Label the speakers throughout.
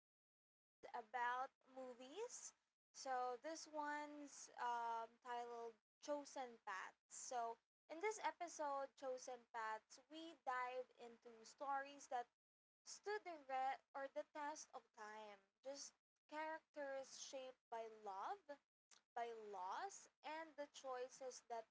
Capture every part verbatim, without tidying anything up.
Speaker 1: series about movies. So, this one's um, titled Chosen Paths. So, in this episode, Chosen Paths, we dive into stories that stood the re- or the test of time. Just characters shaped by love, by loss and the choices that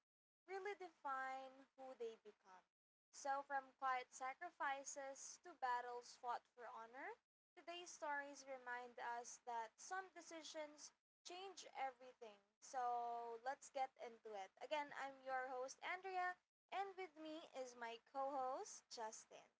Speaker 1: really define who they become. So, from quiet sacrifices to battles fought for honor, today's stories remind us that some decisions change everything. So, let's get into it. Again, I'm your host, Andrea, and with me is my co host, Justin.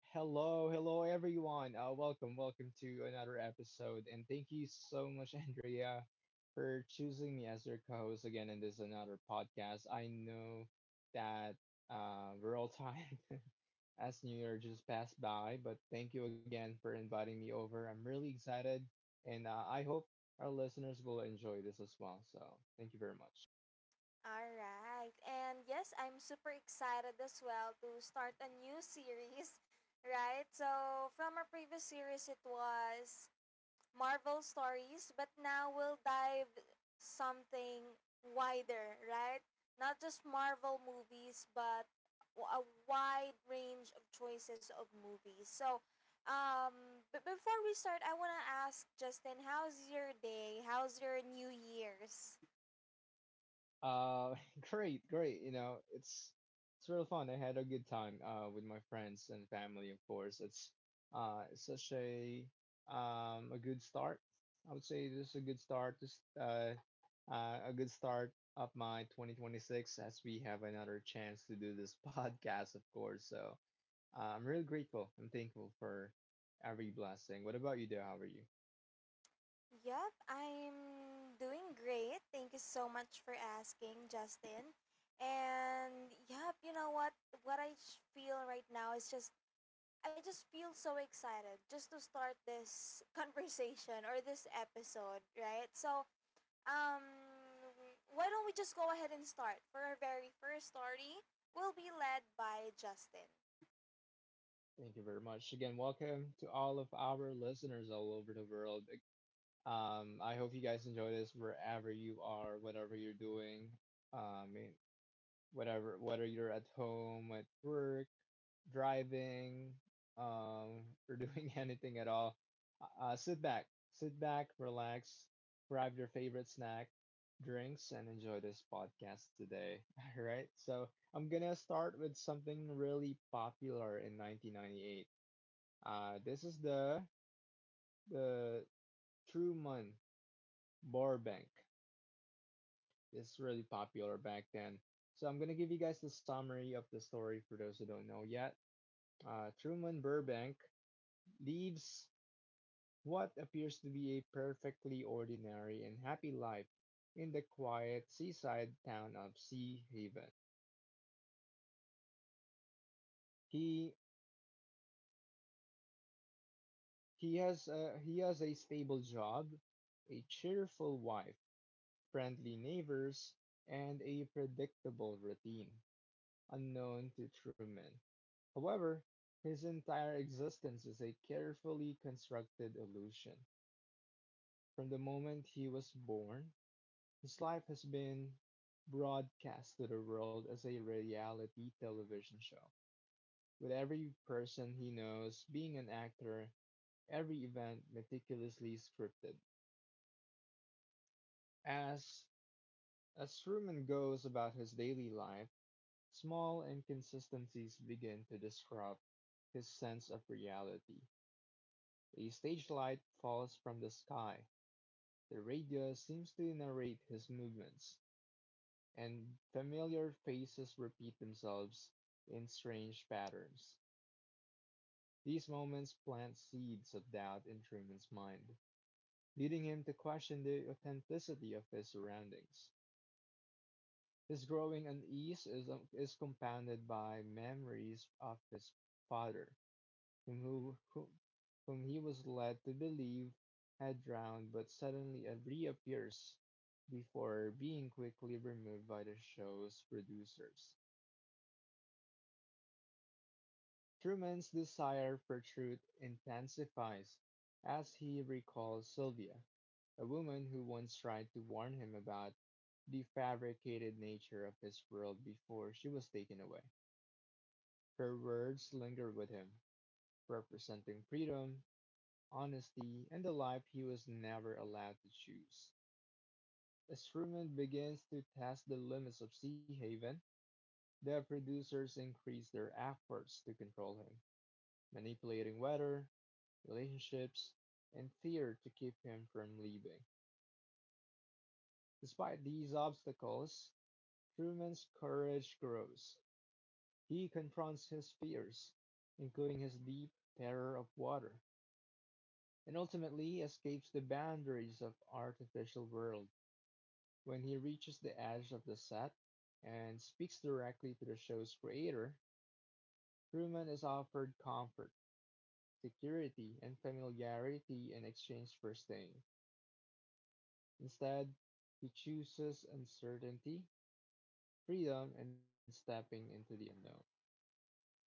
Speaker 2: Hello, hello everyone. Uh, welcome, welcome to another episode, and thank you so much, Andrea, for choosing me as your co-host again in this another podcast. I know that uh, we're all tired as New Year just passed by, but thank you again for inviting me over. I'm really excited, and uh, I hope our listeners will enjoy this as well. So, thank you very much.
Speaker 1: All right. And yes, I'm super excited as well to start a new series, right? So, from our previous series, it was Marvel stories, but now we'll dive something wider, right? Not just Marvel movies, but w- a wide range of choices of movies. So, um, but before we start, I want to ask Justin, how's your day? How's your New Year's?
Speaker 2: Uh, great, great. You know, it's it's real fun. I had a good time uh, with my friends and family, of course. It's uh, it's such a um, a good start. I would say this is a good start. Just uh, uh, a good start of my twenty twenty-six as we have another chance to do this podcast, of course. So uh, I'm really grateful. I'm thankful for every blessing. What about you, dear? How are you?
Speaker 1: Yup, I'm doing great. Thank you so much for asking, Justin. And yup, you know what? What I sh- feel right now is just I just feel so excited just to start this conversation or this episode, right? So, um why don't we just go ahead and start? For our very first story, we'll be led by Justin.
Speaker 2: Yes, thank you very much. Again, welcome to all of our listeners all over the world. Um, I hope you guys enjoy this wherever you are, whatever you're doing, um, eh, whatever whether you're at home, at work, driving, um, or doing anything at all. Uh, sit back, sit back, relax, grab your favorite snack, drinks, and enjoy this podcast today. All right, so I'm gonna start with something really popular in nineteen ninety-eight. Uh, this is the the Truman Burbank. It's really popular back then. So I'm gonna give you guys the summary of the story for those who don't know yet. Uh, Truman Burbank leaves what appears to be a perfectly ordinary and happy life in the quiet seaside town of Sea Haven. He he has a, he has a stable job, a cheerful wife, friendly neighbors, and a predictable routine unknown to Truman. However, his entire existence is a carefully constructed illusion. From the moment he was born, his life has been broadcast to the world as a reality television show, with every person he knows being an actor, every event meticulously scripted. As as Truman goes about his daily life, small inconsistencies begin to disrupt his sense of reality. A stage-light falls from the sky, the radio seems to narrate his movements, and familiar faces repeat themselves in strange patterns. These moments plant seeds of doubt in Truman's mind, leading him to question the authenticity of his surroundings. His growing unease is, is compounded by memories of his father, whom who, who, whom he was led to believe had drowned but suddenly reappears before being quickly removed by the show's producers. Truman's desire for truth intensifies as he recalls Sylvia, a woman who once tried to warn him about the fabricated nature of his world before she was taken away. Her words linger with him, representing freedom, honesty, and the life he was never allowed to choose. As Truman begins to test the limits of Sea Haven, the producers increase their efforts to control him, manipulating weather, relationships, and fear to keep him from leaving. Despite these obstacles, Truman's courage grows. He confronts his fears, including his deep terror of water, and ultimately escapes the boundaries of artificial world. When he reaches the edge of the set and speaks directly to the show's creator, Truman is offered comfort, security, and familiarity in exchange for staying. Instead, he chooses uncertainty, freedom, and stepping into the unknown.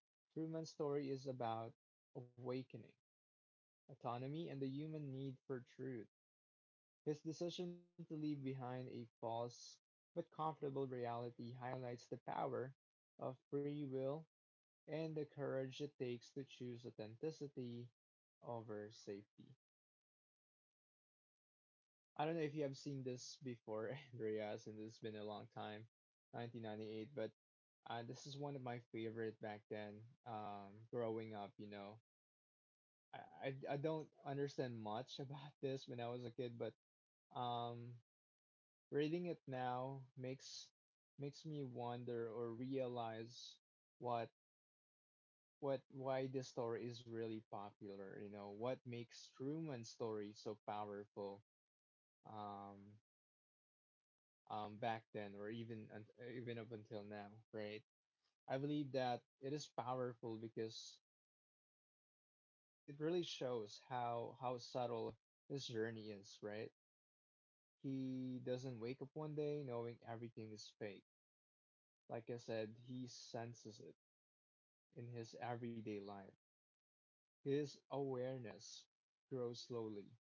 Speaker 2: Truman's story is about awakening, autonomy, and the human need for truth. His decision to leave behind a false but comfortable reality highlights the power of free will and the courage it takes to choose authenticity over safety. I don't know if you have seen this before, Andreas, and it's been a long time, nineteen ninety-eight, but uh, this is one of my favorite back then. Um, growing up, you know, I, I I don't understand much about this when I was a kid, but um, reading it now makes makes me wonder or realize what what why this story is really popular. You know what makes Truman's story so powerful um, um, back then, or even un- even up until now, right? I believe that it is powerful because it really shows how how subtle his journey is, right? He doesn't wake up one day knowing everything is fake. Like I said, he senses it in his everyday life. His awareness grows slowly,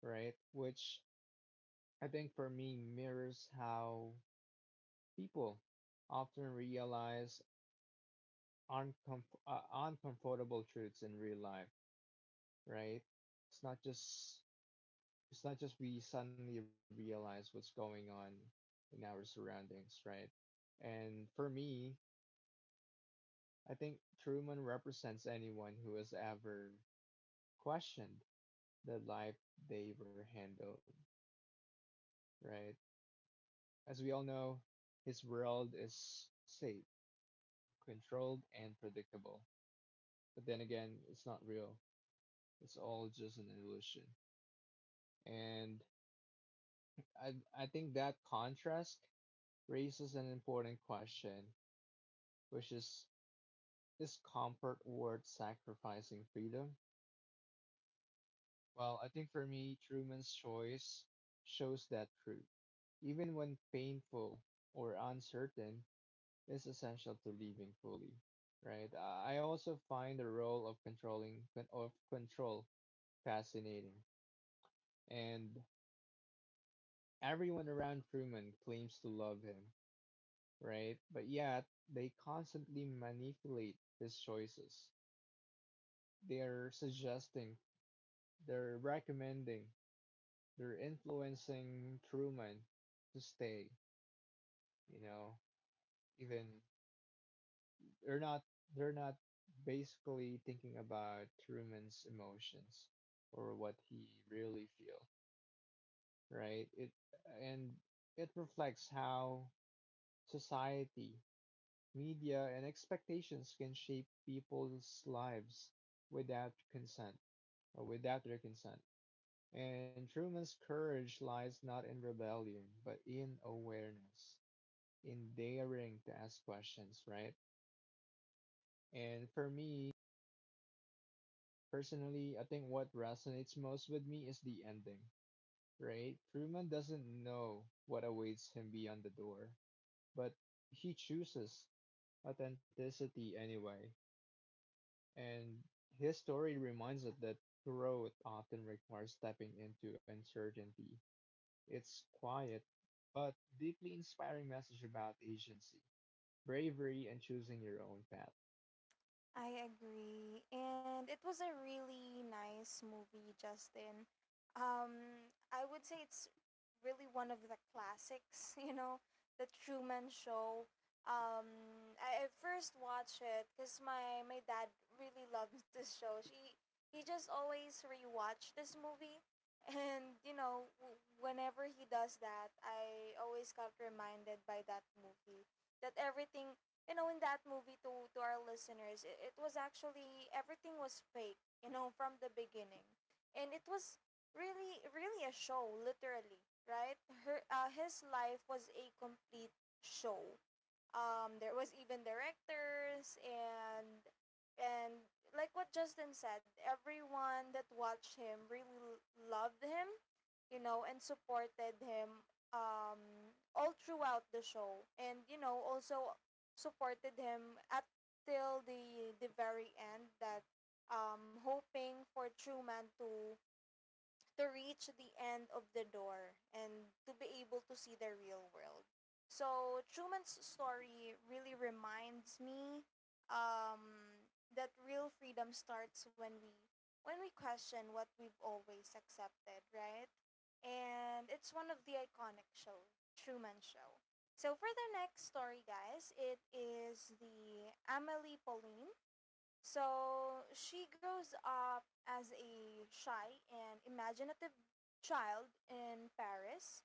Speaker 2: right? Which I think for me mirrors how people often realize uncomf- uh, uncomfortable truths in real life, right? It's not just it's not just we suddenly realize what's going on in our surroundings, right? And for me, I think Truman represents anyone who has ever questioned the life they were handled, right? As we all know, his world is safe, controlled, and predictable. But then again, it's not real. It's all just an illusion. And I I think that contrast raises an important question, which is is comfort worth sacrificing freedom? Well, I think for me, Truman's choice shows that truth, even when painful or uncertain, is essential to living fully, right? I I also find the role of controlling of control fascinating, and everyone around Truman claims to love him, right? But yet, they constantly manipulate his choices. They're suggesting, they're recommending, they're influencing Truman to stay, you know? Even they're not they're not basically thinking about Truman's emotions or what he really feel, right? It and it reflects how society, media and expectations can shape people's lives without consent or without their consent. And Truman's courage lies not in rebellion, but in awareness, in daring to ask questions, right? And for me, personally, I think what resonates most with me is the ending, right? Truman doesn't know what awaits him beyond the door, but he chooses authenticity anyway. And his story reminds us that growth often requires stepping into uncertainty. It's quiet, but deeply inspiring message about agency, bravery, and choosing your own path.
Speaker 1: I agree. And it was a really nice movie, Justin. Um, I would say it's really one of the classics, you know, The Truman Show. Um, I I first watched it because my, my dad really loves this show. She, he just always rewatched this movie. And, you know, w- whenever he does that, I always got reminded by that movie that everything, you know, in that movie, to to our listeners, it, it was actually everything was fake, you know, from the beginning. And it was really, really a show, literally, right? her uh, His life was a complete show. Um, there was even directors. And and like what Justin said, everyone that watched him really l- loved him, you know, and supported him, um all throughout the show. And you know, also supported him at till the the very end, that, um hoping for Truman to to reach the end of the door and to be able to see the real world. So Truman's story really reminds me, um, that real freedom starts when we, when we question what we've always accepted, right? And it's one of the iconic show, Truman Show. So for the next story, guys, it is the Amelie Pauline. So she grows up as a shy and imaginative child in Paris.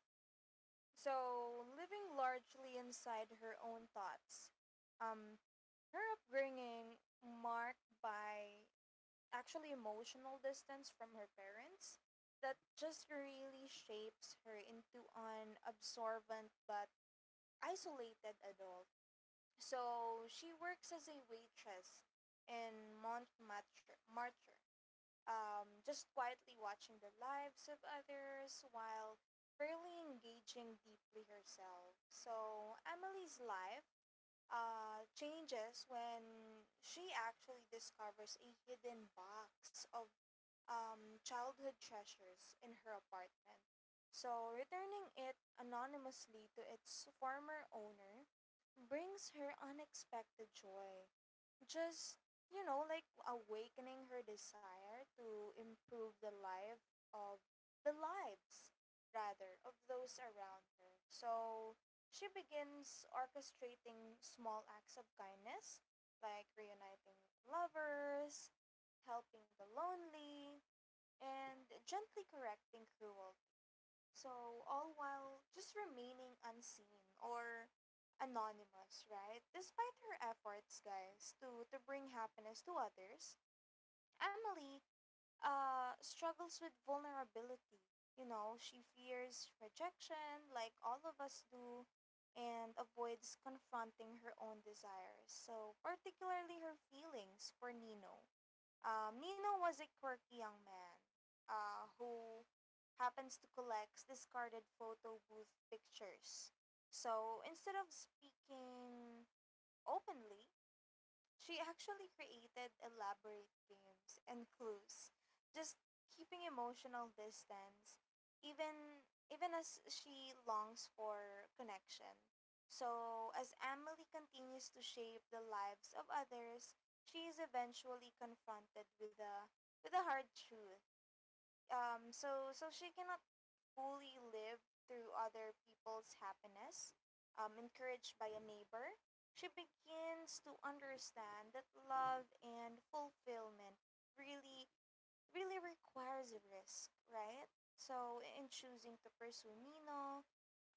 Speaker 1: So, living largely inside her own thoughts. Um, Her upbringing marked by actually emotional distance from her parents that just really shapes her into an absorbent but isolated adult. So she works as a waitress in Montmartre. Martre, um, just quietly watching the lives of others while rarely engaging deeply herself. So, Emily's life uh, changes when she actually discovers a hidden box of um, childhood treasures in her apartment. So, returning it anonymously to its former owner brings her unexpected joy, just, you know, like awakening her desire to improve the life of the lives rather of those around her. So she begins orchestrating small acts of kindness, like reuniting lovers, helping the lonely, and gently correcting cruelty, so all while just remaining unseen or anonymous, right? Despite her efforts, guys, to, to bring happiness to others, Emily uh, struggles with vulnerability. You know, she fears rejection, like all of us do, and avoids confronting her own desires. So, particularly her feelings for Nino. Um, Nino was a quirky young man uh, who happens to collect discarded photo booth pictures. So instead of speaking openly, she actually created elaborate games and clues, just keeping emotional distance, even even as she longs for connection. So as Emily continues to shape the lives of others, she is eventually confronted with a with a hard truth. Um, so so she cannot fully live through other people's happiness. um, encouraged by a neighbor, she begins to understand that love and fulfillment really, really requires a risk, right? So, in choosing to pursue Nino,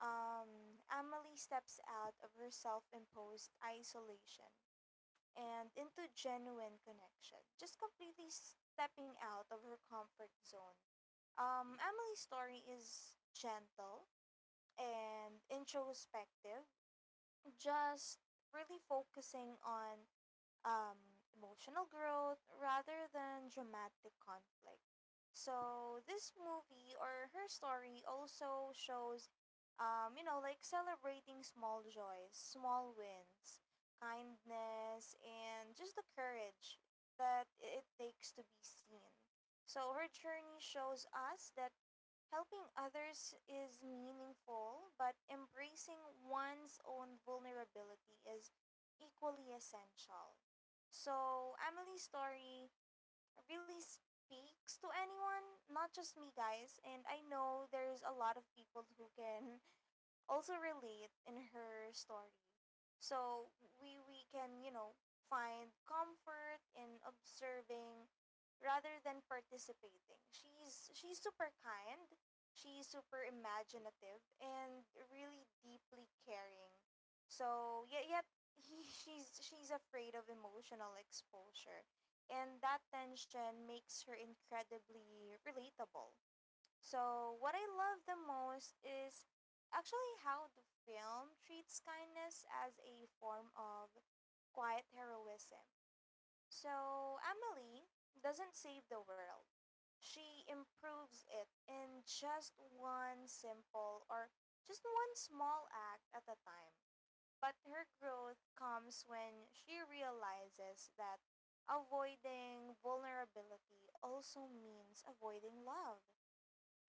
Speaker 1: um, Emily steps out of her self imposed isolation and into genuine connection, just completely stepping out of her comfort zone. Um, Emily's story is gentle and introspective, just really focusing on um, emotional growth rather than dramatic conflict. So this movie or her story also shows, um, you know, like celebrating small joys, small wins, kindness, and just the courage that it takes to be seen. So her journey shows us that helping others is meaningful, but embracing one's own vulnerability is equally essential. So, Emily's story really speaks to anyone, not just me, guys. And I know there's a lot of people who can also relate in her story. So we we can, you know, find comfort in observing rather than participating. She's she's super kind, she's super imaginative and really deeply caring. So yet yet he, she's she's afraid of emotional exposure. And that tension makes her incredibly relatable. So, what I love the most is actually how the film treats kindness as a form of quiet heroism. So, Emily doesn't save the world, she improves it in just one simple or just one small act at a time. But her growth comes when she realizes that avoiding vulnerability also means avoiding love.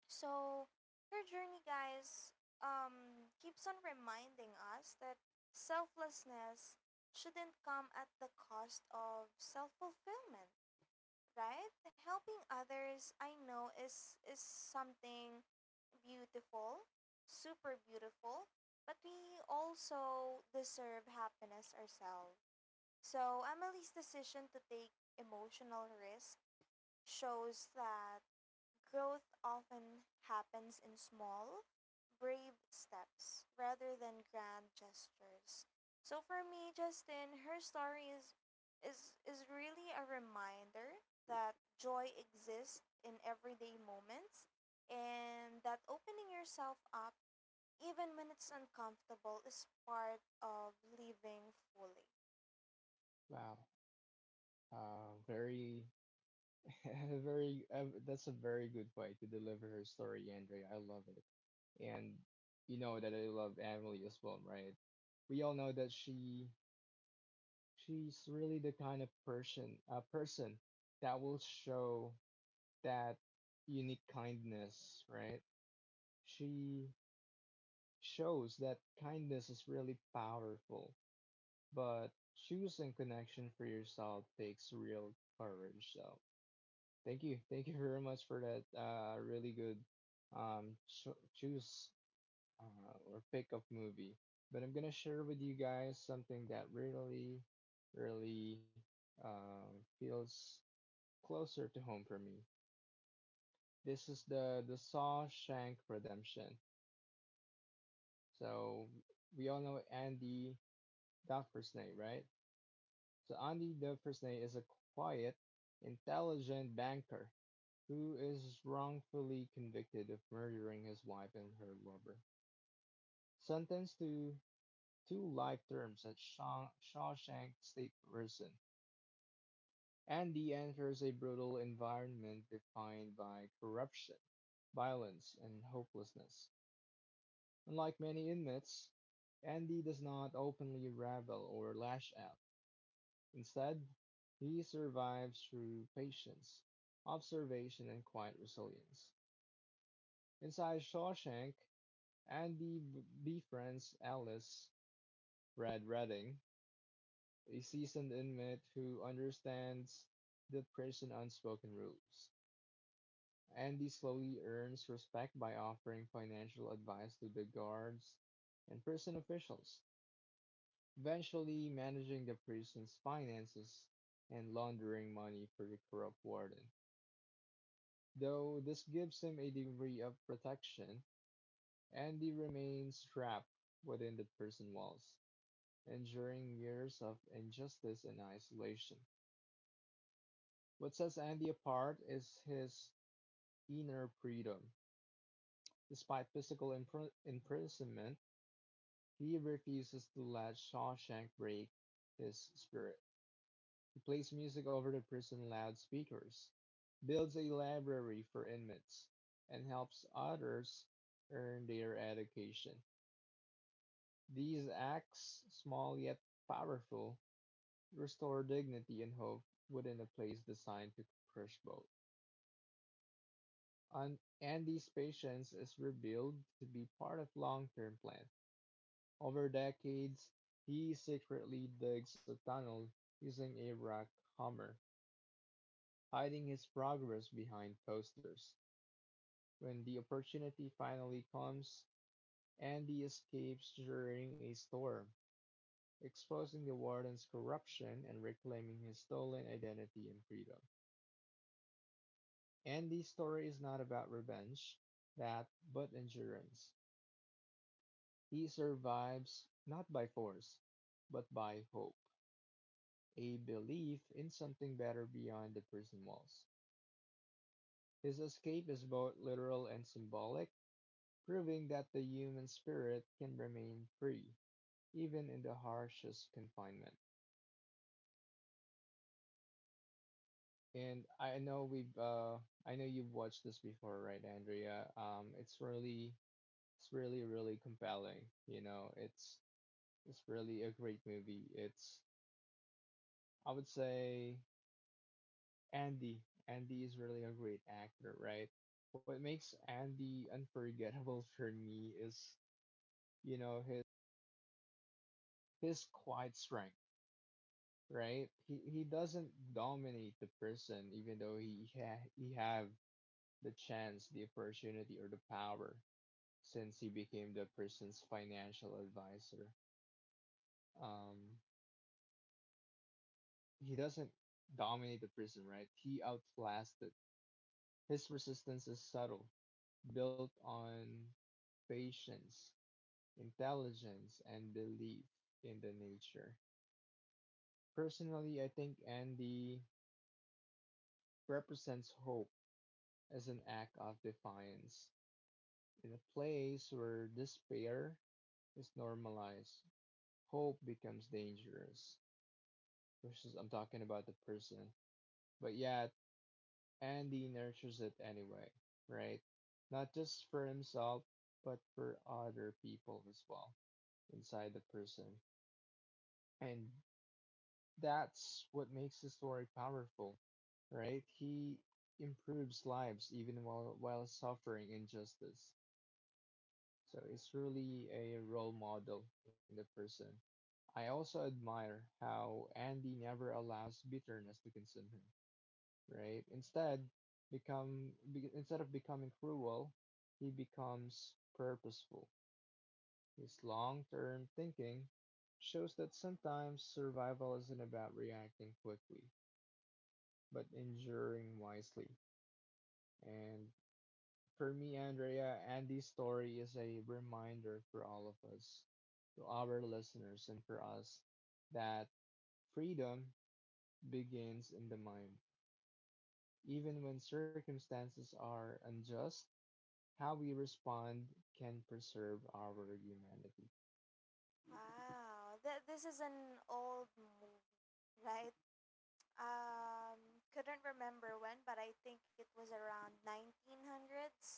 Speaker 1: So her journey, guys, um, keeps on reminding us that selflessness shouldn't come at the cost of self fulfillment, right? Helping others, I know, is is something beautiful, super beautiful, but we also deserve happiness ourselves. So Emily's decision to take emotional risk shows that growth often happens in small, brave steps rather than grand gestures. So for me, Justin, her story is is is really a reminder that joy exists in everyday moments and that opening yourself up even when it's uncomfortable is part of living fully.
Speaker 2: Wow. Uh, very, very, uh, that's a very good way to deliver her story, Andrea. I love it. And you know that I love Emily as well, right? We all know that she she's really the kind of person a person that will show that unique kindness, right? She shows that kindness is really powerful, but choosing connection for yourself takes real courage. So, thank you. Thank you very much for that uh, really good um, cho choose uh, or pick up movie. But I'm gonna share with you guys something that really, really uh, feels closer to home for me. This is the the Shawshank Redemption. So we all know Andy Dufresne, right? So Andy Dufresne is a quiet, intelligent banker who is wrongfully convicted of murdering his wife and her lover. Sentenced to two life terms at Shaw- Shawshank State Prison, Andy enters a brutal environment defined by corruption, violence, and hopelessness. Unlike many inmates, Andy does not openly rebel or lash out. Instead, he survives through patience, observation, and quiet resilience. Inside Shawshank, Andy b- befriends Alice Brad Redding, a seasoned inmate who understands the prison unspoken rules. Andy slowly earns respect by offering financial advice to the guards and prison officials, eventually managing the prison's finances and laundering money for the corrupt warden. Though this gives him a degree of protection, Andy remains trapped within the prison walls, enduring years of injustice and isolation. What sets Andy apart is his inner freedom. Despite physical impr- imprisonment, he refuses to let Shawshank break his spirit. He plays music over the prison loudspeakers, builds a library for inmates, and helps others earn their education. These acts, small yet powerful, restore dignity and hope within a place designed to crush both. An- Andy's patience is revealed to be part of long-term plan. Over decades, he secretly digs a tunnel using a rock hammer, hiding his progress behind posters. When the opportunity finally comes, Andy escapes during a storm exposing the warden's corruption and reclaiming his stolen identity and freedom. Andy's story is not about revenge, that, but endurance. He survives not by force, but by hope, a belief in something better beyond the prison walls. His escape is both literal and symbolic, proving that the human spirit can remain free, even in the harshest confinement. And I know we've uh I know you've watched this before, right, Andrea? Um, it's really it's really really compelling. You know, it's it's really a great movie. It's I would say Andy. Andy is really a great actor, right? What makes Andy unforgettable for me is, you know, his his quiet strength, right? He he doesn't dominate the person even though he ha he have the chance, the opportunity or the power since he became the person's financial advisor. Um, he doesn't dominate the prison, right? He outclassed it. His resistance is subtle, built on patience, intelligence, and belief in the nature. Personally, I think Andy represents hope as an act of defiance. In a place where despair is normalized, hope becomes dangerous. Which is, I'm talking about the person. But yeah, and he nurtures it anyway, right? Not just for himself, but for other people as well inside the person. And that's what makes the story powerful, right? He improves lives even while, while suffering injustice. So it's really a role model in the person. I also admire how Andy never allows bitterness to consume him, right? Instead, become be, instead of becoming cruel, he becomes purposeful. His long-term thinking shows that sometimes survival isn't about reacting quickly, but enduring wisely. And for me, Andrea, Andy's story is a reminder for all of us, to our listeners, and for us that freedom begins in the mind. Even when circumstances are unjust, how we respond can preserve our humanity.
Speaker 1: Wow, that this is an old movie, right? Um, couldn't remember when, but I think it was around nineteen hundreds,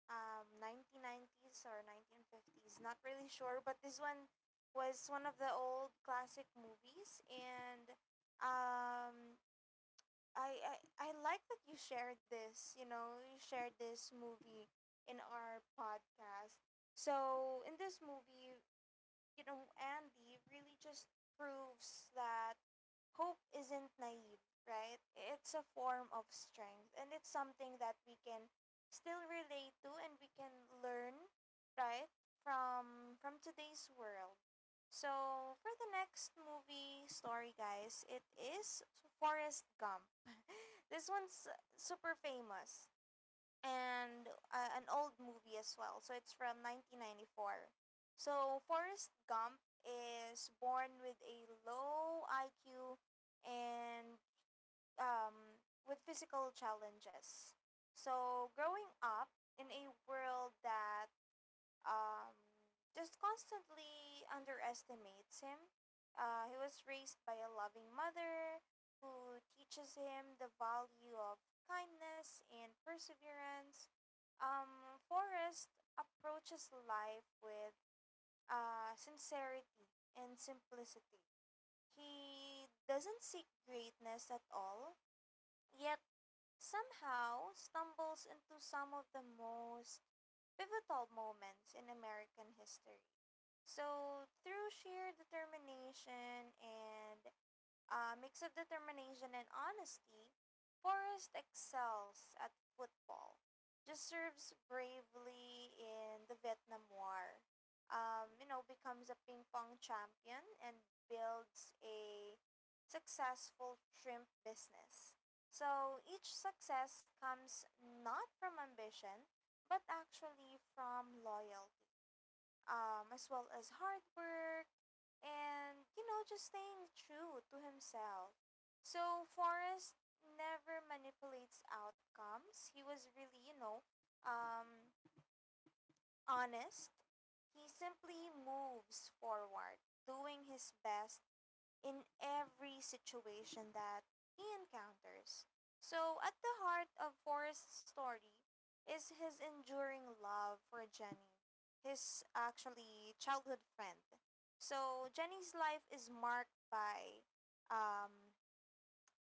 Speaker 1: um, nineteen nineties or nineteen fifties. Not really sure, but this one was one of the old classic movies, and um, I, I I like that you shared this. You know, you shared this movie in our podcast. So in this movie, you know, Andy really just proves that hope isn't naive, right? It's a form of strength and it's something that we can still relate to and we can learn, right? From from today's world. So, for the next movie story, guys, it is Forrest Gump. This one's super famous and uh, an old movie as well. So it's from nineteen ninety-four. So Forrest Gump is born with a low I Q and um, with physical challenges. So growing up in a world that um, just constantly underestimates him. Uh, he was raised by a loving mother who teaches him the value of kindness and perseverance. Um, Forrest approaches life with uh, sincerity and simplicity. He doesn't seek greatness at all, yet somehow stumbles into some of the most pivotal moments in American history. So, through sheer determination and a mix of determination and honesty, Forrest excels at football. Just serves bravely in the Vietnam War. Um, you know, becomes a ping pong champion and builds a successful shrimp business. So each success comes not from ambition, but actually from loyalty, um, as well as hard work and, you know, just staying true to himself. So Forrest never manipulates outcomes. He was really, you know, um honest. He simply moves forward doing his best in every situation that he encounters. So, at the heart of Forrest's story is his enduring love for Jenny, his actually childhood friend. So, Jenny's life is marked by um,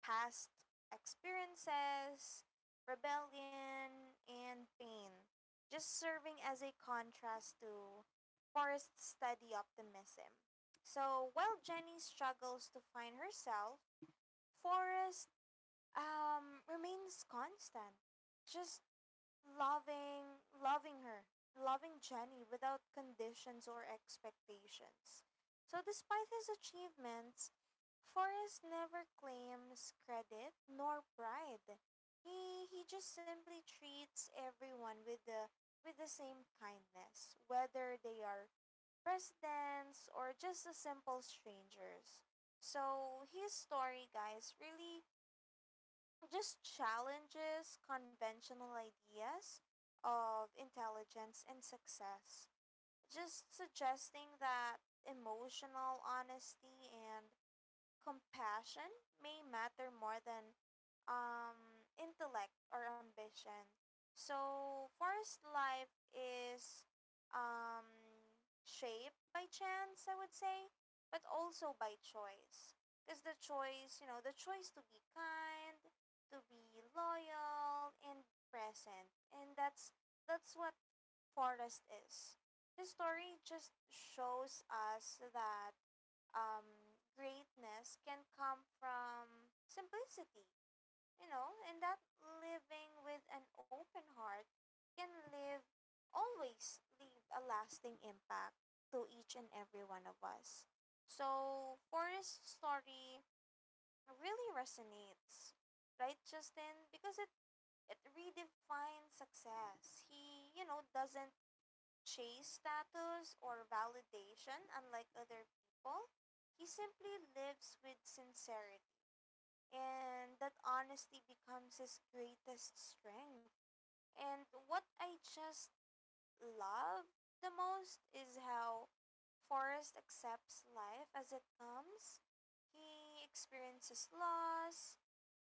Speaker 1: past experiences, rebellion, and pain, just serving as a contrast to Forrest's steady optimism. So while Jenny struggles to find herself, Forrest um, remains constant, just Loving, loving her, loving Jenny without conditions or expectations. So, despite his achievements, Forrest never claims credit nor pride. He he just simply treats everyone with the with the same kindness, whether they are presidents or just a simple strangers. So his story, guys, really just challenges conventional ideas of intelligence and success. Just suggesting that emotional honesty and compassion may matter more than um, intellect or ambition. So, forest life is um, shaped by chance, I would say, but also by choice. Because the choice, you know, the choice to be kind, to be loyal and present, and that's that's what forest is. His story just shows us that um, greatness can come from simplicity, you know, and that living with an open heart can live always leave a lasting impact to each and every one of us. So Forrest's story really resonates, right, Justin? Because it it redefines success. He, you know, doesn't chase status or validation unlike other people. He simply lives with sincerity, and that honesty becomes his greatest strength. And what I just love the most is how Forrest accepts life as it comes. He experiences loss,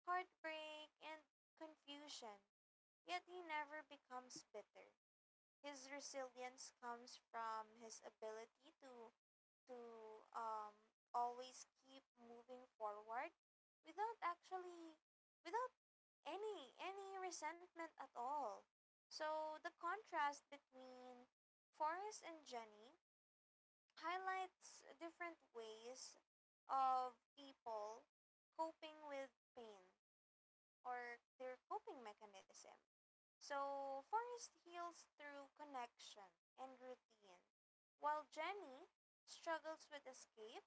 Speaker 1: heartbreak, and confusion, yet he never becomes bitter. His resilience comes from his ability to to um always keep moving forward without actually without any any resentment at all. So the contrast between Forrest and Jenny highlights different ways of people coping with pain, or their coping mechanism. So Forrest heals through connection and routine, while Jenny struggles with escape.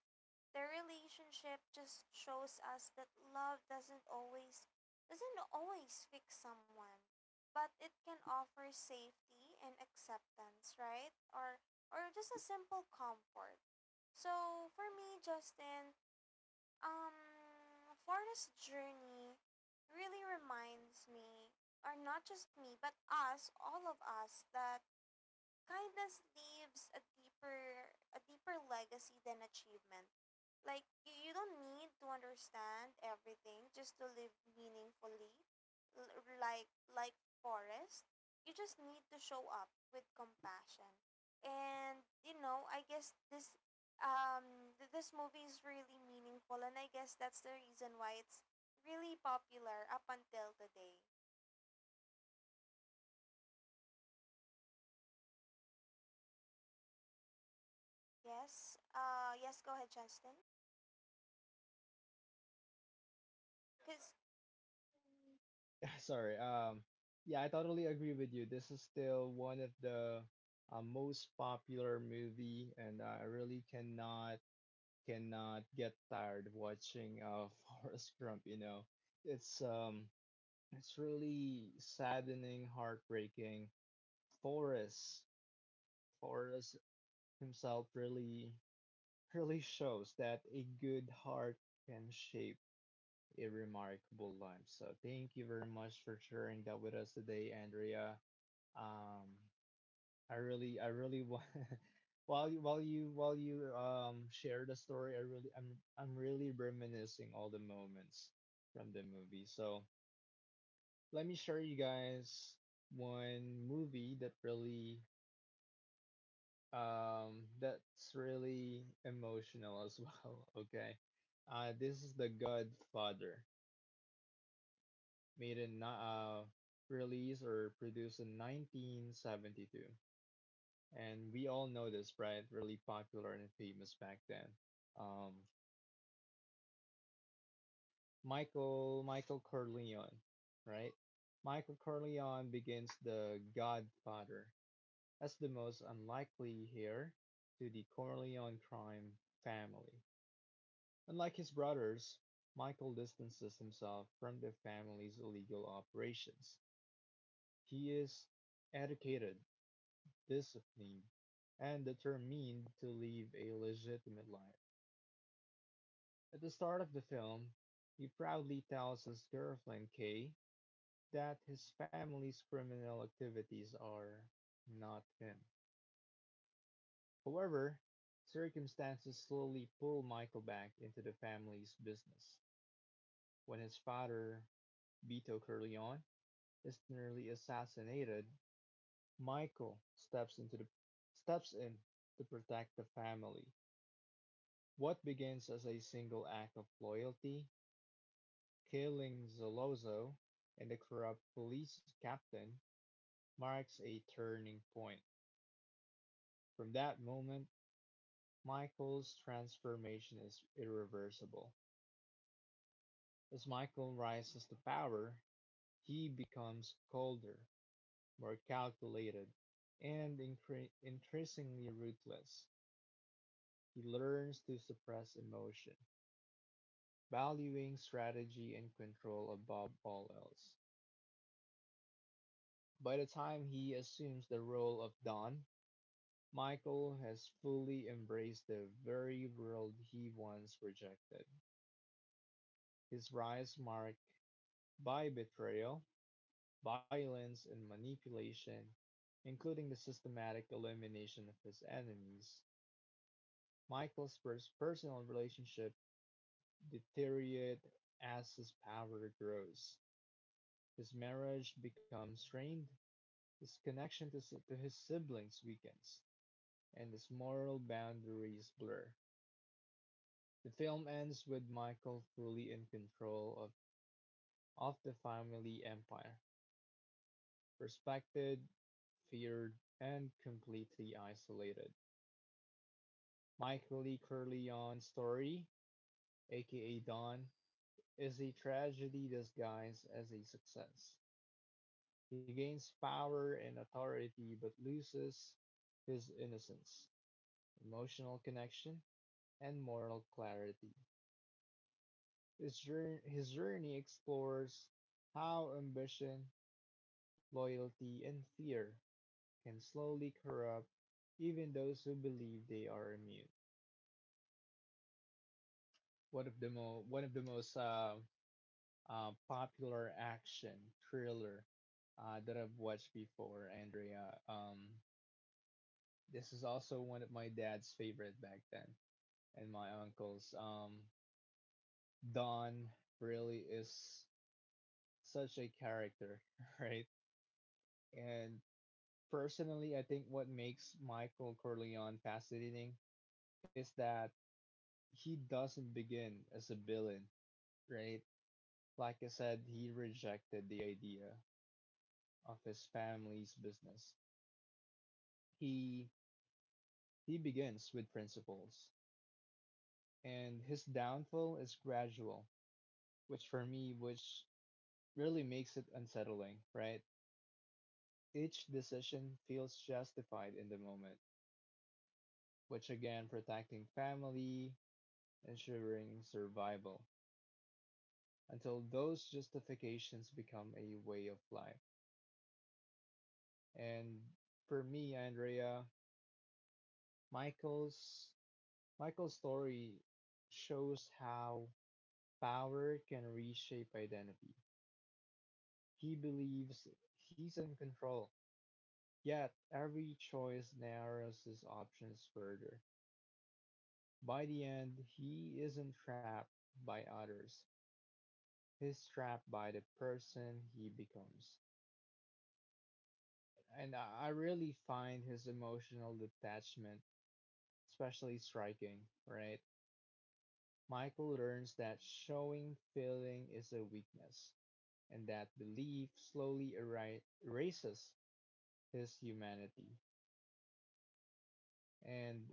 Speaker 1: Their relationship just shows us that love doesn't always doesn't always fix someone, but it can offer safety and acceptance, right? Or or just a simple comfort. So, for me, Justin, um, for this journey really reminds me, or not just me, but us, all of us, that kindness leaves a deeper a deeper legacy than achievement. Like you, you don't need to understand everything just to live meaningfully, L- like like Forrest. You just need to show up with compassion, and you know I guess this um th- this movie is really meaningful, and I guess that's the reason why it's really popular up until today. Yes, uh yes, go ahead, Justin, because
Speaker 2: Sorry. Um, yeah, I totally agree with you. This is still one of the uh, most popular movie, and I really cannot cannot get tired watching uh, Forrest Gump. You know, it's um, it's really saddening, heartbreaking. Forrest, Forrest himself really really shows that a good heart can shape a remarkable life. So thank you very much for sharing that with us today, Andrea. Um, I really, I really want while you while you while you um share the story, I really, I'm I'm really reminiscing all the moments from the movie. So let me share you guys one movie that really um that's really emotional as well. Okay, uh, this is The Godfather, made in ni- uh, released or produced in nineteen seventy-two. And we all know this, right? Really popular and famous back then. Um, Michael Michael Corleone, right? Michael Corleone begins the Godfather as the most unlikely heir to the Corleone crime family. Unlike his brothers, Michael distances himself from the family's illegal operations. He is educated, discipline, and determined to live a legitimate life. At the start of the film, he proudly tells his girlfriend Kay that his family's criminal activities are not him. However, circumstances slowly pull Michael back into the family's business. When his father, Vito Corleone, is nearly assassinated, Michael steps into the steps in to protect the family. What begins as a single act of loyalty, killing Zolozo and the corrupt police captain, marks a turning point. From that moment, Michael's transformation is irreversible. As Michael rises to power, he becomes colder, more calculated, and incre- increasingly ruthless. He learns to suppress emotion, valuing strategy and control above all else. By the time he assumes the role of Don, Michael has fully embraced the very world he once rejected. His rise marked by betrayal, violence, and manipulation, including the systematic elimination of his enemies. Michael's pers- personal relationship deteriorate as his power grows. His marriage becomes strained, his connection to, si-, to his siblings weakens, and his moral boundaries blur. The film ends with Michael fully in control of, of the family empire, respected, feared, and completely isolated. Michael E. Corleone's story, aka Don, is a tragedy disguised as a success. He gains power and authority but loses his innocence, emotional connection, and moral clarity. His jour- his journey explores how ambition, loyalty, and fear can slowly corrupt even those who believe they are immune. One of the mo- one of the most uh, uh, popular action thriller uh, that I've watched before, Andrea. Um, this is also one of my dad's favorite back then, and my uncle's. Um, Don really is such a character, right? And personally, I think what makes Michael Corleone fascinating is that he doesn't begin as a villain, right? Like I said, he rejected the idea of his family's business. He he begins with principles, and his downfall is gradual, which for me, which really makes it unsettling, right? Each decision feels justified in the moment, which again protecting family, ensuring survival, until those justifications become a way of life. And for me, Andrea, Michael's Michael's story shows how power can reshape identity. He believes he's in control, yet every choice narrows his options further. By the end, he isn't trapped by others. He's trapped by the person he becomes. And I I really find his emotional detachment especially striking, right? Michael learns that showing feeling is a weakness, and that belief slowly eri- erases his humanity. And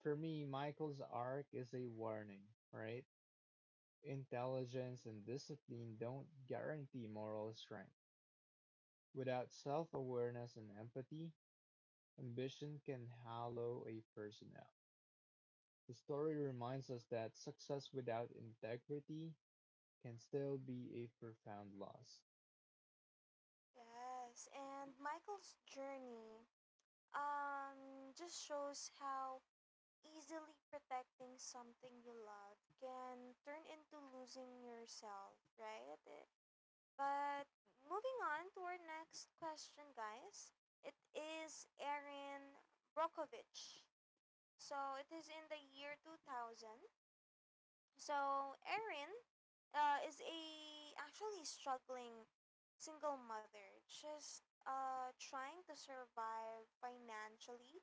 Speaker 2: for me, Michael's arc is a warning, right? Intelligence and discipline don't guarantee moral strength. Without self awareness and empathy, ambition can hollow a person out. The story reminds us that success without integrity can still be a profound loss.
Speaker 1: Yes, and Michael's journey um just shows how easily protecting something you love can turn into losing yourself, right? Eh, But moving on to our next question, guys. It is Erin Brockovich. So it is in the year two thousand. So Erin uh, is a actually struggling single mother, just uh, trying to survive financially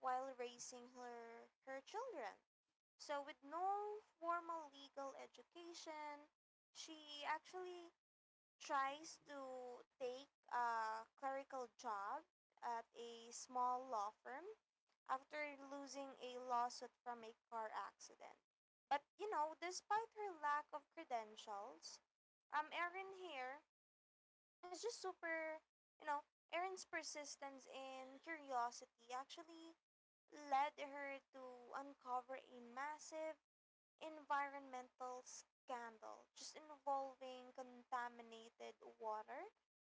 Speaker 1: while raising her her children. So with no formal legal education, she actually tries to take a clerical job at a small law firm after losing a lawsuit from a car accident. But you know, despite her lack of credentials, um, Erin here is just super, you know, Erin's persistence and curiosity actually led her to uncover a massive environmental scandal just involving contaminated water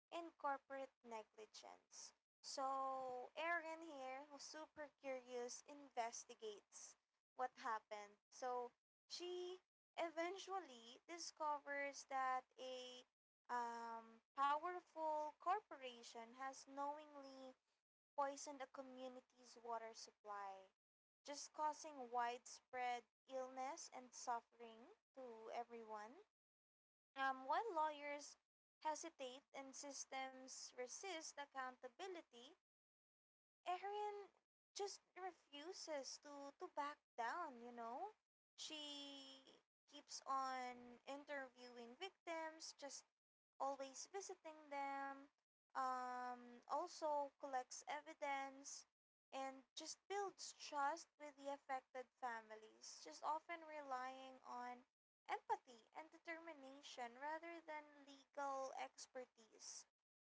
Speaker 1: and corporate negligence. So Aaron here, who's super curious, investigates what happened. So she eventually discovers that a um, powerful corporation has knowingly poisoned a community's water supply, just causing widespread illness and suffering to everyone. Um, while lawyers hesitate and systems resist accountability, Erin just refuses to, to back down, you know? She keeps on interviewing victims, just always visiting them, um, also collects evidence, and just builds trust with the affected families, just often relying on empathy and determination rather than legal expertise.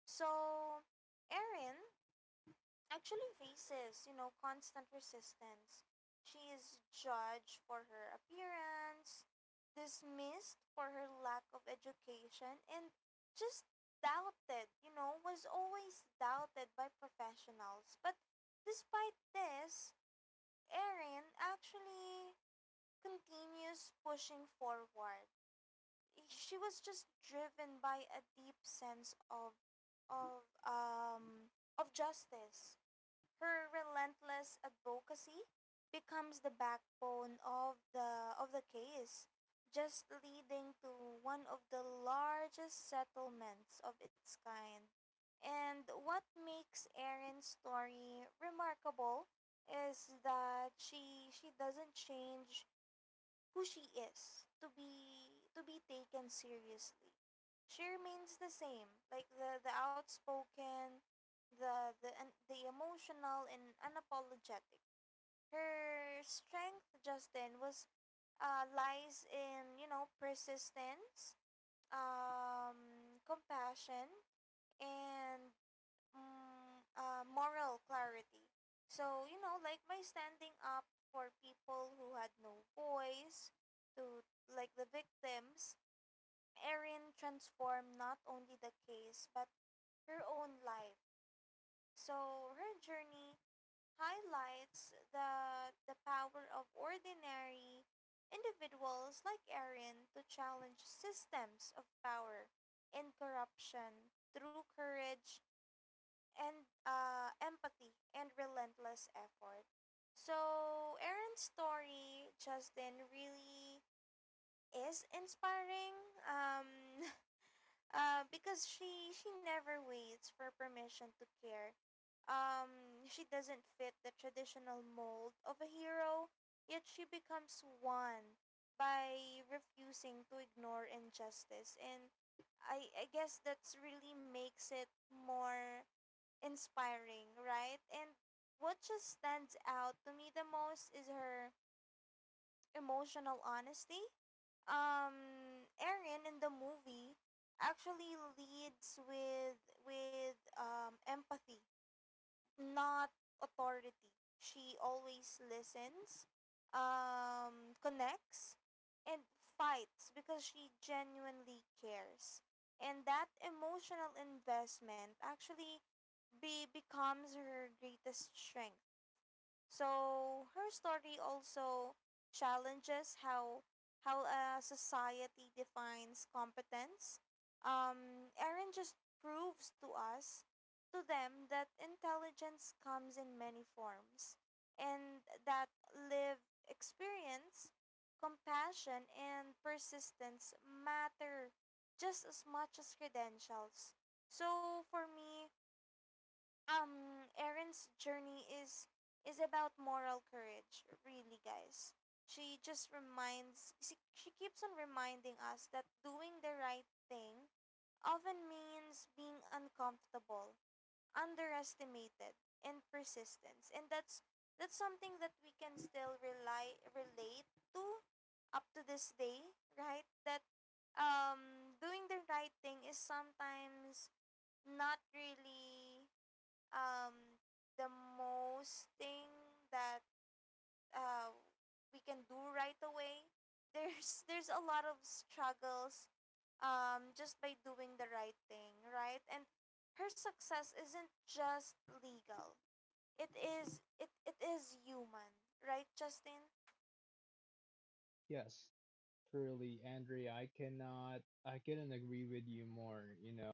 Speaker 1: So Erin actually faces, you know, constant resistance. She is judged for her appearance, dismissed for her lack of education, and just doubted, you know, was always doubted by professionals. But despite this, Erin actually continues pushing forward. She was just driven by a deep sense of of um of justice. Her relentless advocacy becomes the backbone of the of the case, just leading to one of the largest settlements of its kind. And what makes Erin's story remarkable is that she she doesn't change who she is to be to be taken seriously. She remains the same, like the the outspoken, the the and the emotional and unapologetic. Her strength just then was uh, lies in, you know, persistence, um, compassion, and mm, uh, moral clarity. So, you know, like by standing up for people who had no voice, to like the victims, Erin transformed not only the case but her own life. So her journey highlights the the power of ordinary individuals like Erin to challenge systems of power and corruption through courage and uh, empathy and relentless effort. So Aaron's story, Justin, really is inspiring, um, uh, because she she never waits for permission to care. Um, she doesn't fit the traditional mold of a hero, yet she becomes one by refusing to ignore injustice, and I I guess that's really makes it more inspiring, right? And what just stands out to me the most is her emotional honesty. Um, Erin in the movie actually leads with with um, empathy, not authority. She always listens, um, connects, and fights because she genuinely cares. And that emotional investment actually be becomes her greatest strength. So her story also challenges how how a society defines competence. Um, Erin just proves to us, to them, that intelligence comes in many forms, and that live experience, compassion, and persistence matter just as much as credentials. So for me, um Erin's journey is is about moral courage, really, guys. She just reminds she, she keeps on reminding us that doing the right thing often means being uncomfortable, underestimated, and persistence. And that's that's something that we can still rely relate to up to this day, right? That um doing the right thing is sometimes not really, um, the most thing that, uh, we can do right away. There's there's a lot of struggles, um, just by doing the right thing, right? And her success isn't just legal. It is it, it is human, right, Justin?
Speaker 2: Yes, truly, Andrea. I cannot, I couldn't agree with you more. You know,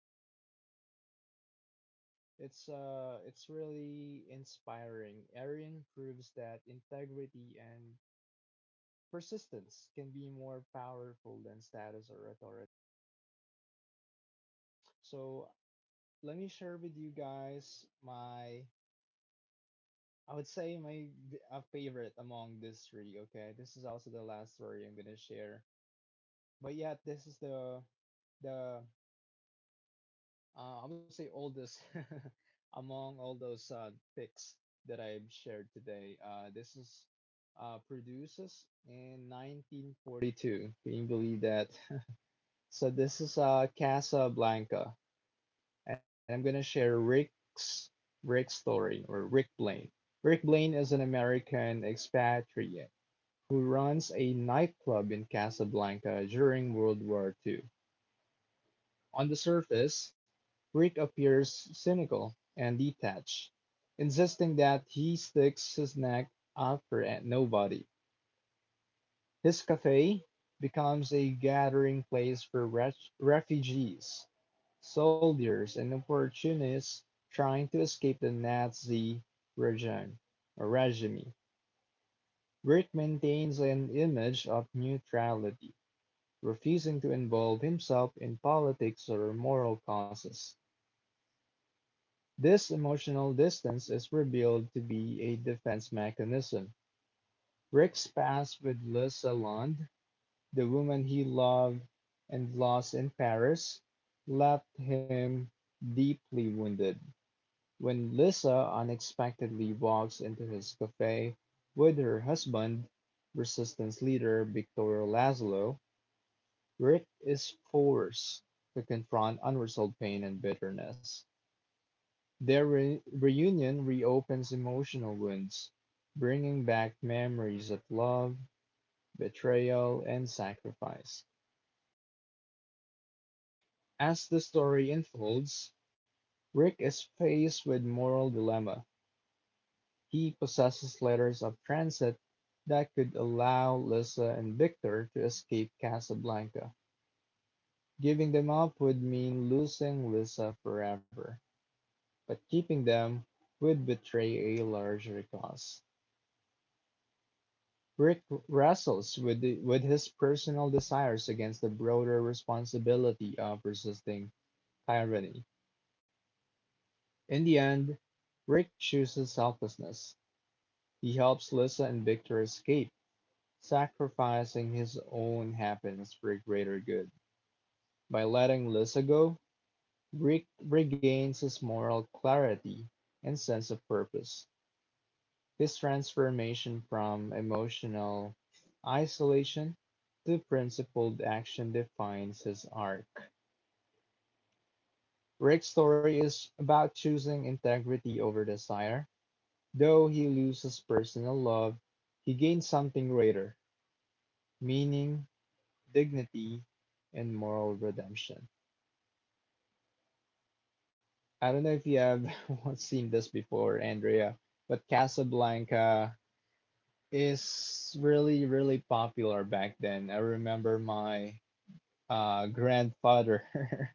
Speaker 2: it's uh, it's really inspiring. Arian proves that integrity and persistence can be more powerful than status or authority. So let me share with you guys my I would say my v- uh, favorite among these three. Okay, this is also the last story I'm gonna share. But yeah, this is the the Uh, I would say oldest among all those uh, picks that I've shared today. Uh, this is uh, produces in nineteen forty-two. Can you believe that? So this is uh, Casablanca, and I'm gonna share Rick's Rick's story or Rick Blaine. Rick Blaine is an American expatriate who runs a nightclub in Casablanca during World War Two. On the surface, Rick appears cynical and detached, insisting that he sticks his neck out for nobody. His cafe becomes a gathering place for ref- refugees, soldiers, and opportunists trying to escape the Nazi regime. Or regime. Rick maintains an image of neutrality, refusing to involve himself in politics or moral causes. This emotional distance is revealed to be a defense mechanism. Rick's past with Liz Salond, the woman he loved and lost in Paris, left him deeply wounded. When Lisa unexpectedly walks into his cafe with her husband, resistance leader Victoria Laszlo, Rick is forced to confront unresolved pain and bitterness. Their re- reunion reopens emotional wounds, bringing back memories of love, betrayal, and sacrifice. As the story unfolds, Rick is faced with moral dilemma. He possesses letters of transit that could allow Lisa and Victor to escape Casablanca. Giving them up would mean losing Lisa forever, but keeping them would betray a larger cause. Rick wrestles with the, with his personal desires against the broader responsibility of resisting tyranny. In the end, Rick chooses selflessness. He helps Lisa and Victor escape, sacrificing his own happiness for a greater good. By letting Lisa go, Rick regains his moral clarity and sense of purpose. This transformation from emotional isolation to principled action defines his arc. Rick's story is about choosing integrity over desire. Though he loses personal love, he gains something greater meaning, dignity, and moral redemption. I don't know if you have seen this before, Andrea, but Casablanca is really, really popular back then. I remember my uh, grandfather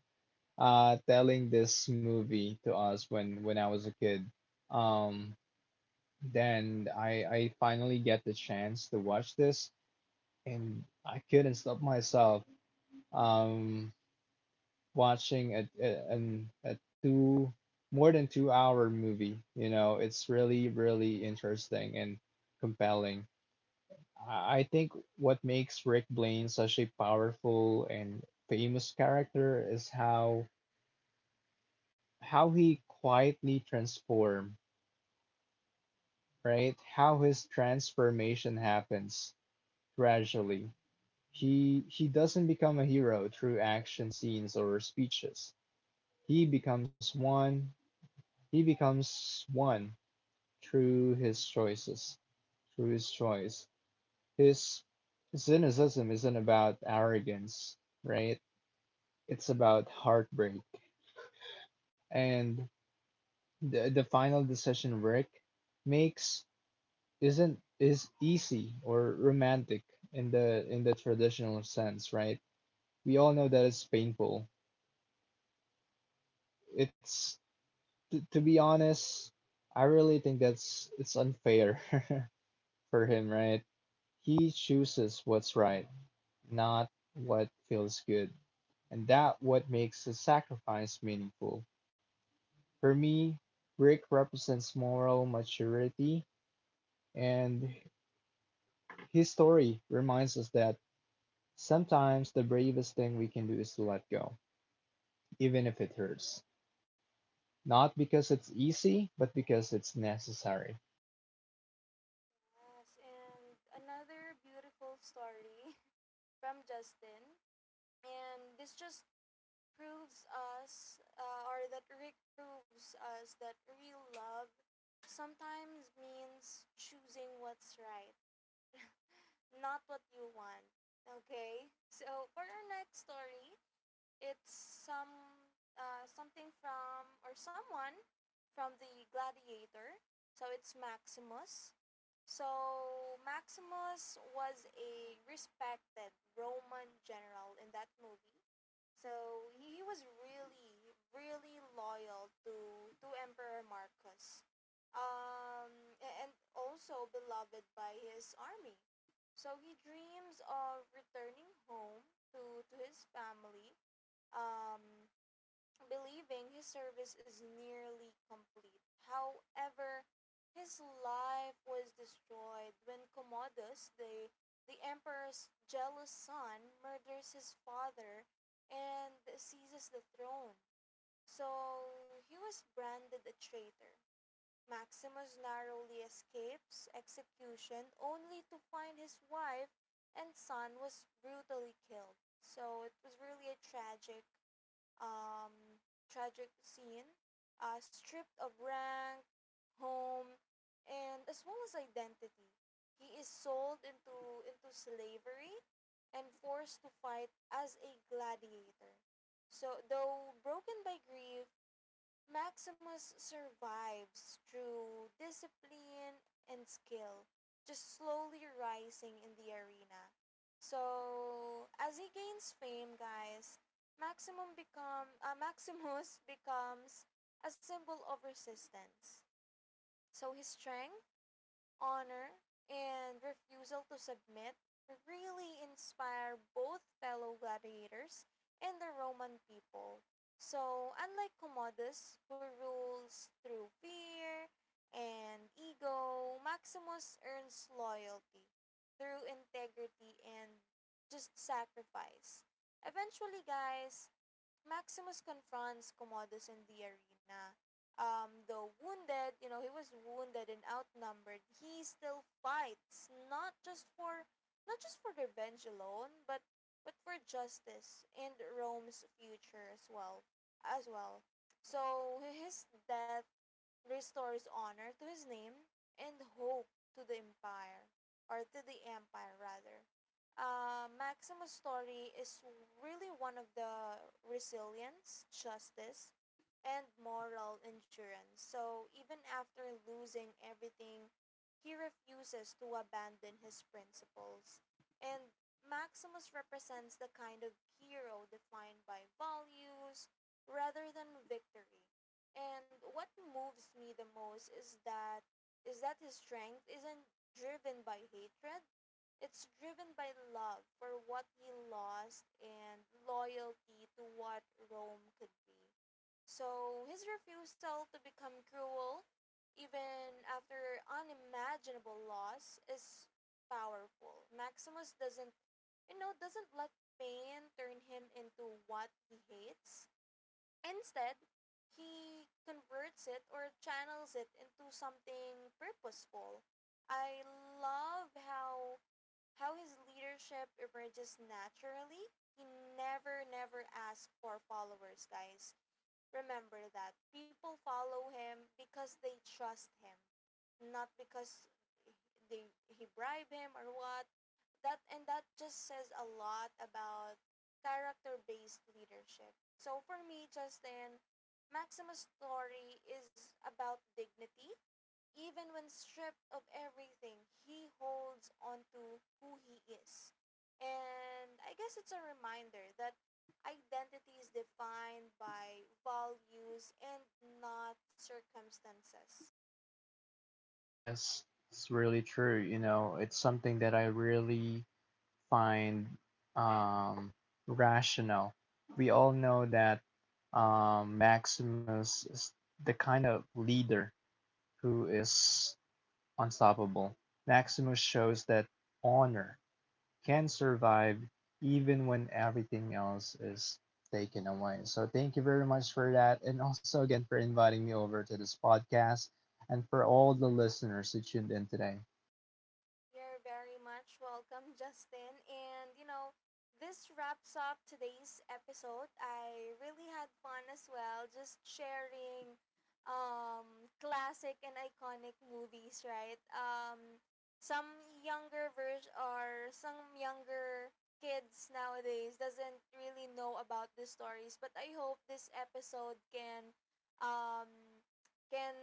Speaker 2: uh, telling this movie to us when when I was a kid. Um, then I I finally get the chance to watch this, and I couldn't stop myself um, watching a, a an a two more than two hour movie. You know, it's really really interesting and compelling. I I think what makes Rick Blaine such a powerful and famous character is how how he quietly transform, right? How his transformation happens gradually. He he doesn't become a hero through action scenes or speeches. He becomes one. He becomes one through his choices, through his choice. His cynicism isn't about arrogance, right? It's about heartbreak. And the, the final decision Rick makes isn't is easy or romantic in the in the traditional sense, right? We all know that it's painful. It's t- to be honest, I really think that's it's unfair for him, right? He chooses what's right, not what feels good, and that what makes the sacrifice meaningful. For me, Rick represents moral maturity, and his story reminds us that sometimes the bravest thing we can do is to let go, even if it hurts. Not because it's easy, but because it's necessary.
Speaker 1: Yes, and another beautiful story from Justin. And this just proves us, uh, or that Rick proves us that real love sometimes means choosing what's right, not what you want. Okay, so for our next story, it's some, uh, something from, or someone from the Gladiator. So it's Maximus. So Maximus was a respected Roman general in that movie. So he was really, really loyal to to Emperor Marcus. Um, and also beloved by his army. So he dreams of returning home to to his family. Um, believing his service is nearly complete. However, his life was destroyed when Commodus, the, the emperor's jealous son, murders his father and seizes the throne. So he was branded a traitor. Maximus narrowly escapes execution only to find his wife and son was brutally killed. So it was really a tragic, um, tragic scene, uh, stripped of rank, home, and as well as identity. He is sold into, into slavery and forced to fight as a gladiator. So, though broken by grief, Maximus survives through discipline and skill, just slowly rising in the arena. So as he gains fame, guys, Maximum become uh, Maximus becomes a symbol of resistance. So his strength, honor, and refusal to submit really inspire both fellow gladiators and the Roman people. So, unlike Commodus, who rules through fear and ego, Maximus earns loyalty through integrity and just sacrifice. Eventually, guys, Maximus confronts Commodus in the arena. Um, though wounded, you know, he was wounded and outnumbered, he still fights, not just for not just for revenge alone, but but for justice and Rome's future as well as well. So his death restores honor to his name and hope to the empire, or to the empire rather. Uh, Maximus' story is really one of the resilience, justice, and moral endurance. So even after losing everything, he refuses to abandon his principles. And Maximus represents the kind of hero defined by values rather than victory. And what moves me the most is that is that his strength isn't driven by hatred. It's driven by love for what he lost and loyalty to what Rome could be. So his refusal to become cruel, even after unimaginable loss, is powerful. Maximus doesn't, you know, doesn't let pain turn him into what he hates. Instead, he converts it or channels it into something purposeful. I love how how his leadership emerges naturally. He never never asks for followers, guys. Remember that. People follow him because they trust him, not because they he bribed him or what. That and that just says a lot about character-based leadership. So for me, Justin, Maximus' story is about dignity. Even when stripped of everything, he holds on to who he is. And I guess it's a reminder that identity is defined by values and not circumstances.
Speaker 2: Yes, it's really true. You know, it's something that I really find um, rational. We all know that um, Maximus is the kind of leader who is unstoppable. Maximus shows that honor can survive even when everything else is taken away. So thank you very much for that. And also again for inviting me over to this podcast and for all the listeners who tuned in today.
Speaker 1: You're very much welcome, Justin. And you know, this wraps up today's episode. I really had fun as well, just sharing, um, classic and iconic movies, right? Um, some younger version, or some younger kids nowadays doesn't really know about the stories, but I hope this episode can um, can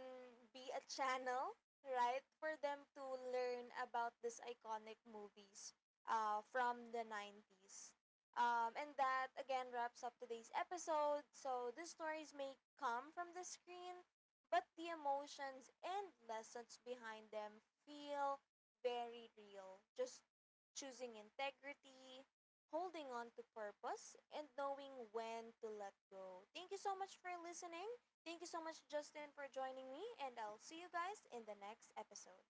Speaker 1: be a channel, right, for them to learn about these iconic movies, uh, from the nineties, um, and that again wraps up today's episode. So the stories may come from the screen, but the emotions and lessons behind them feel very real, just choosing integrity, holding on to purpose, and knowing when to let go. Thank you so much for listening. Thank you so much, Justin, for joining me, and I'll see you guys in the next episode.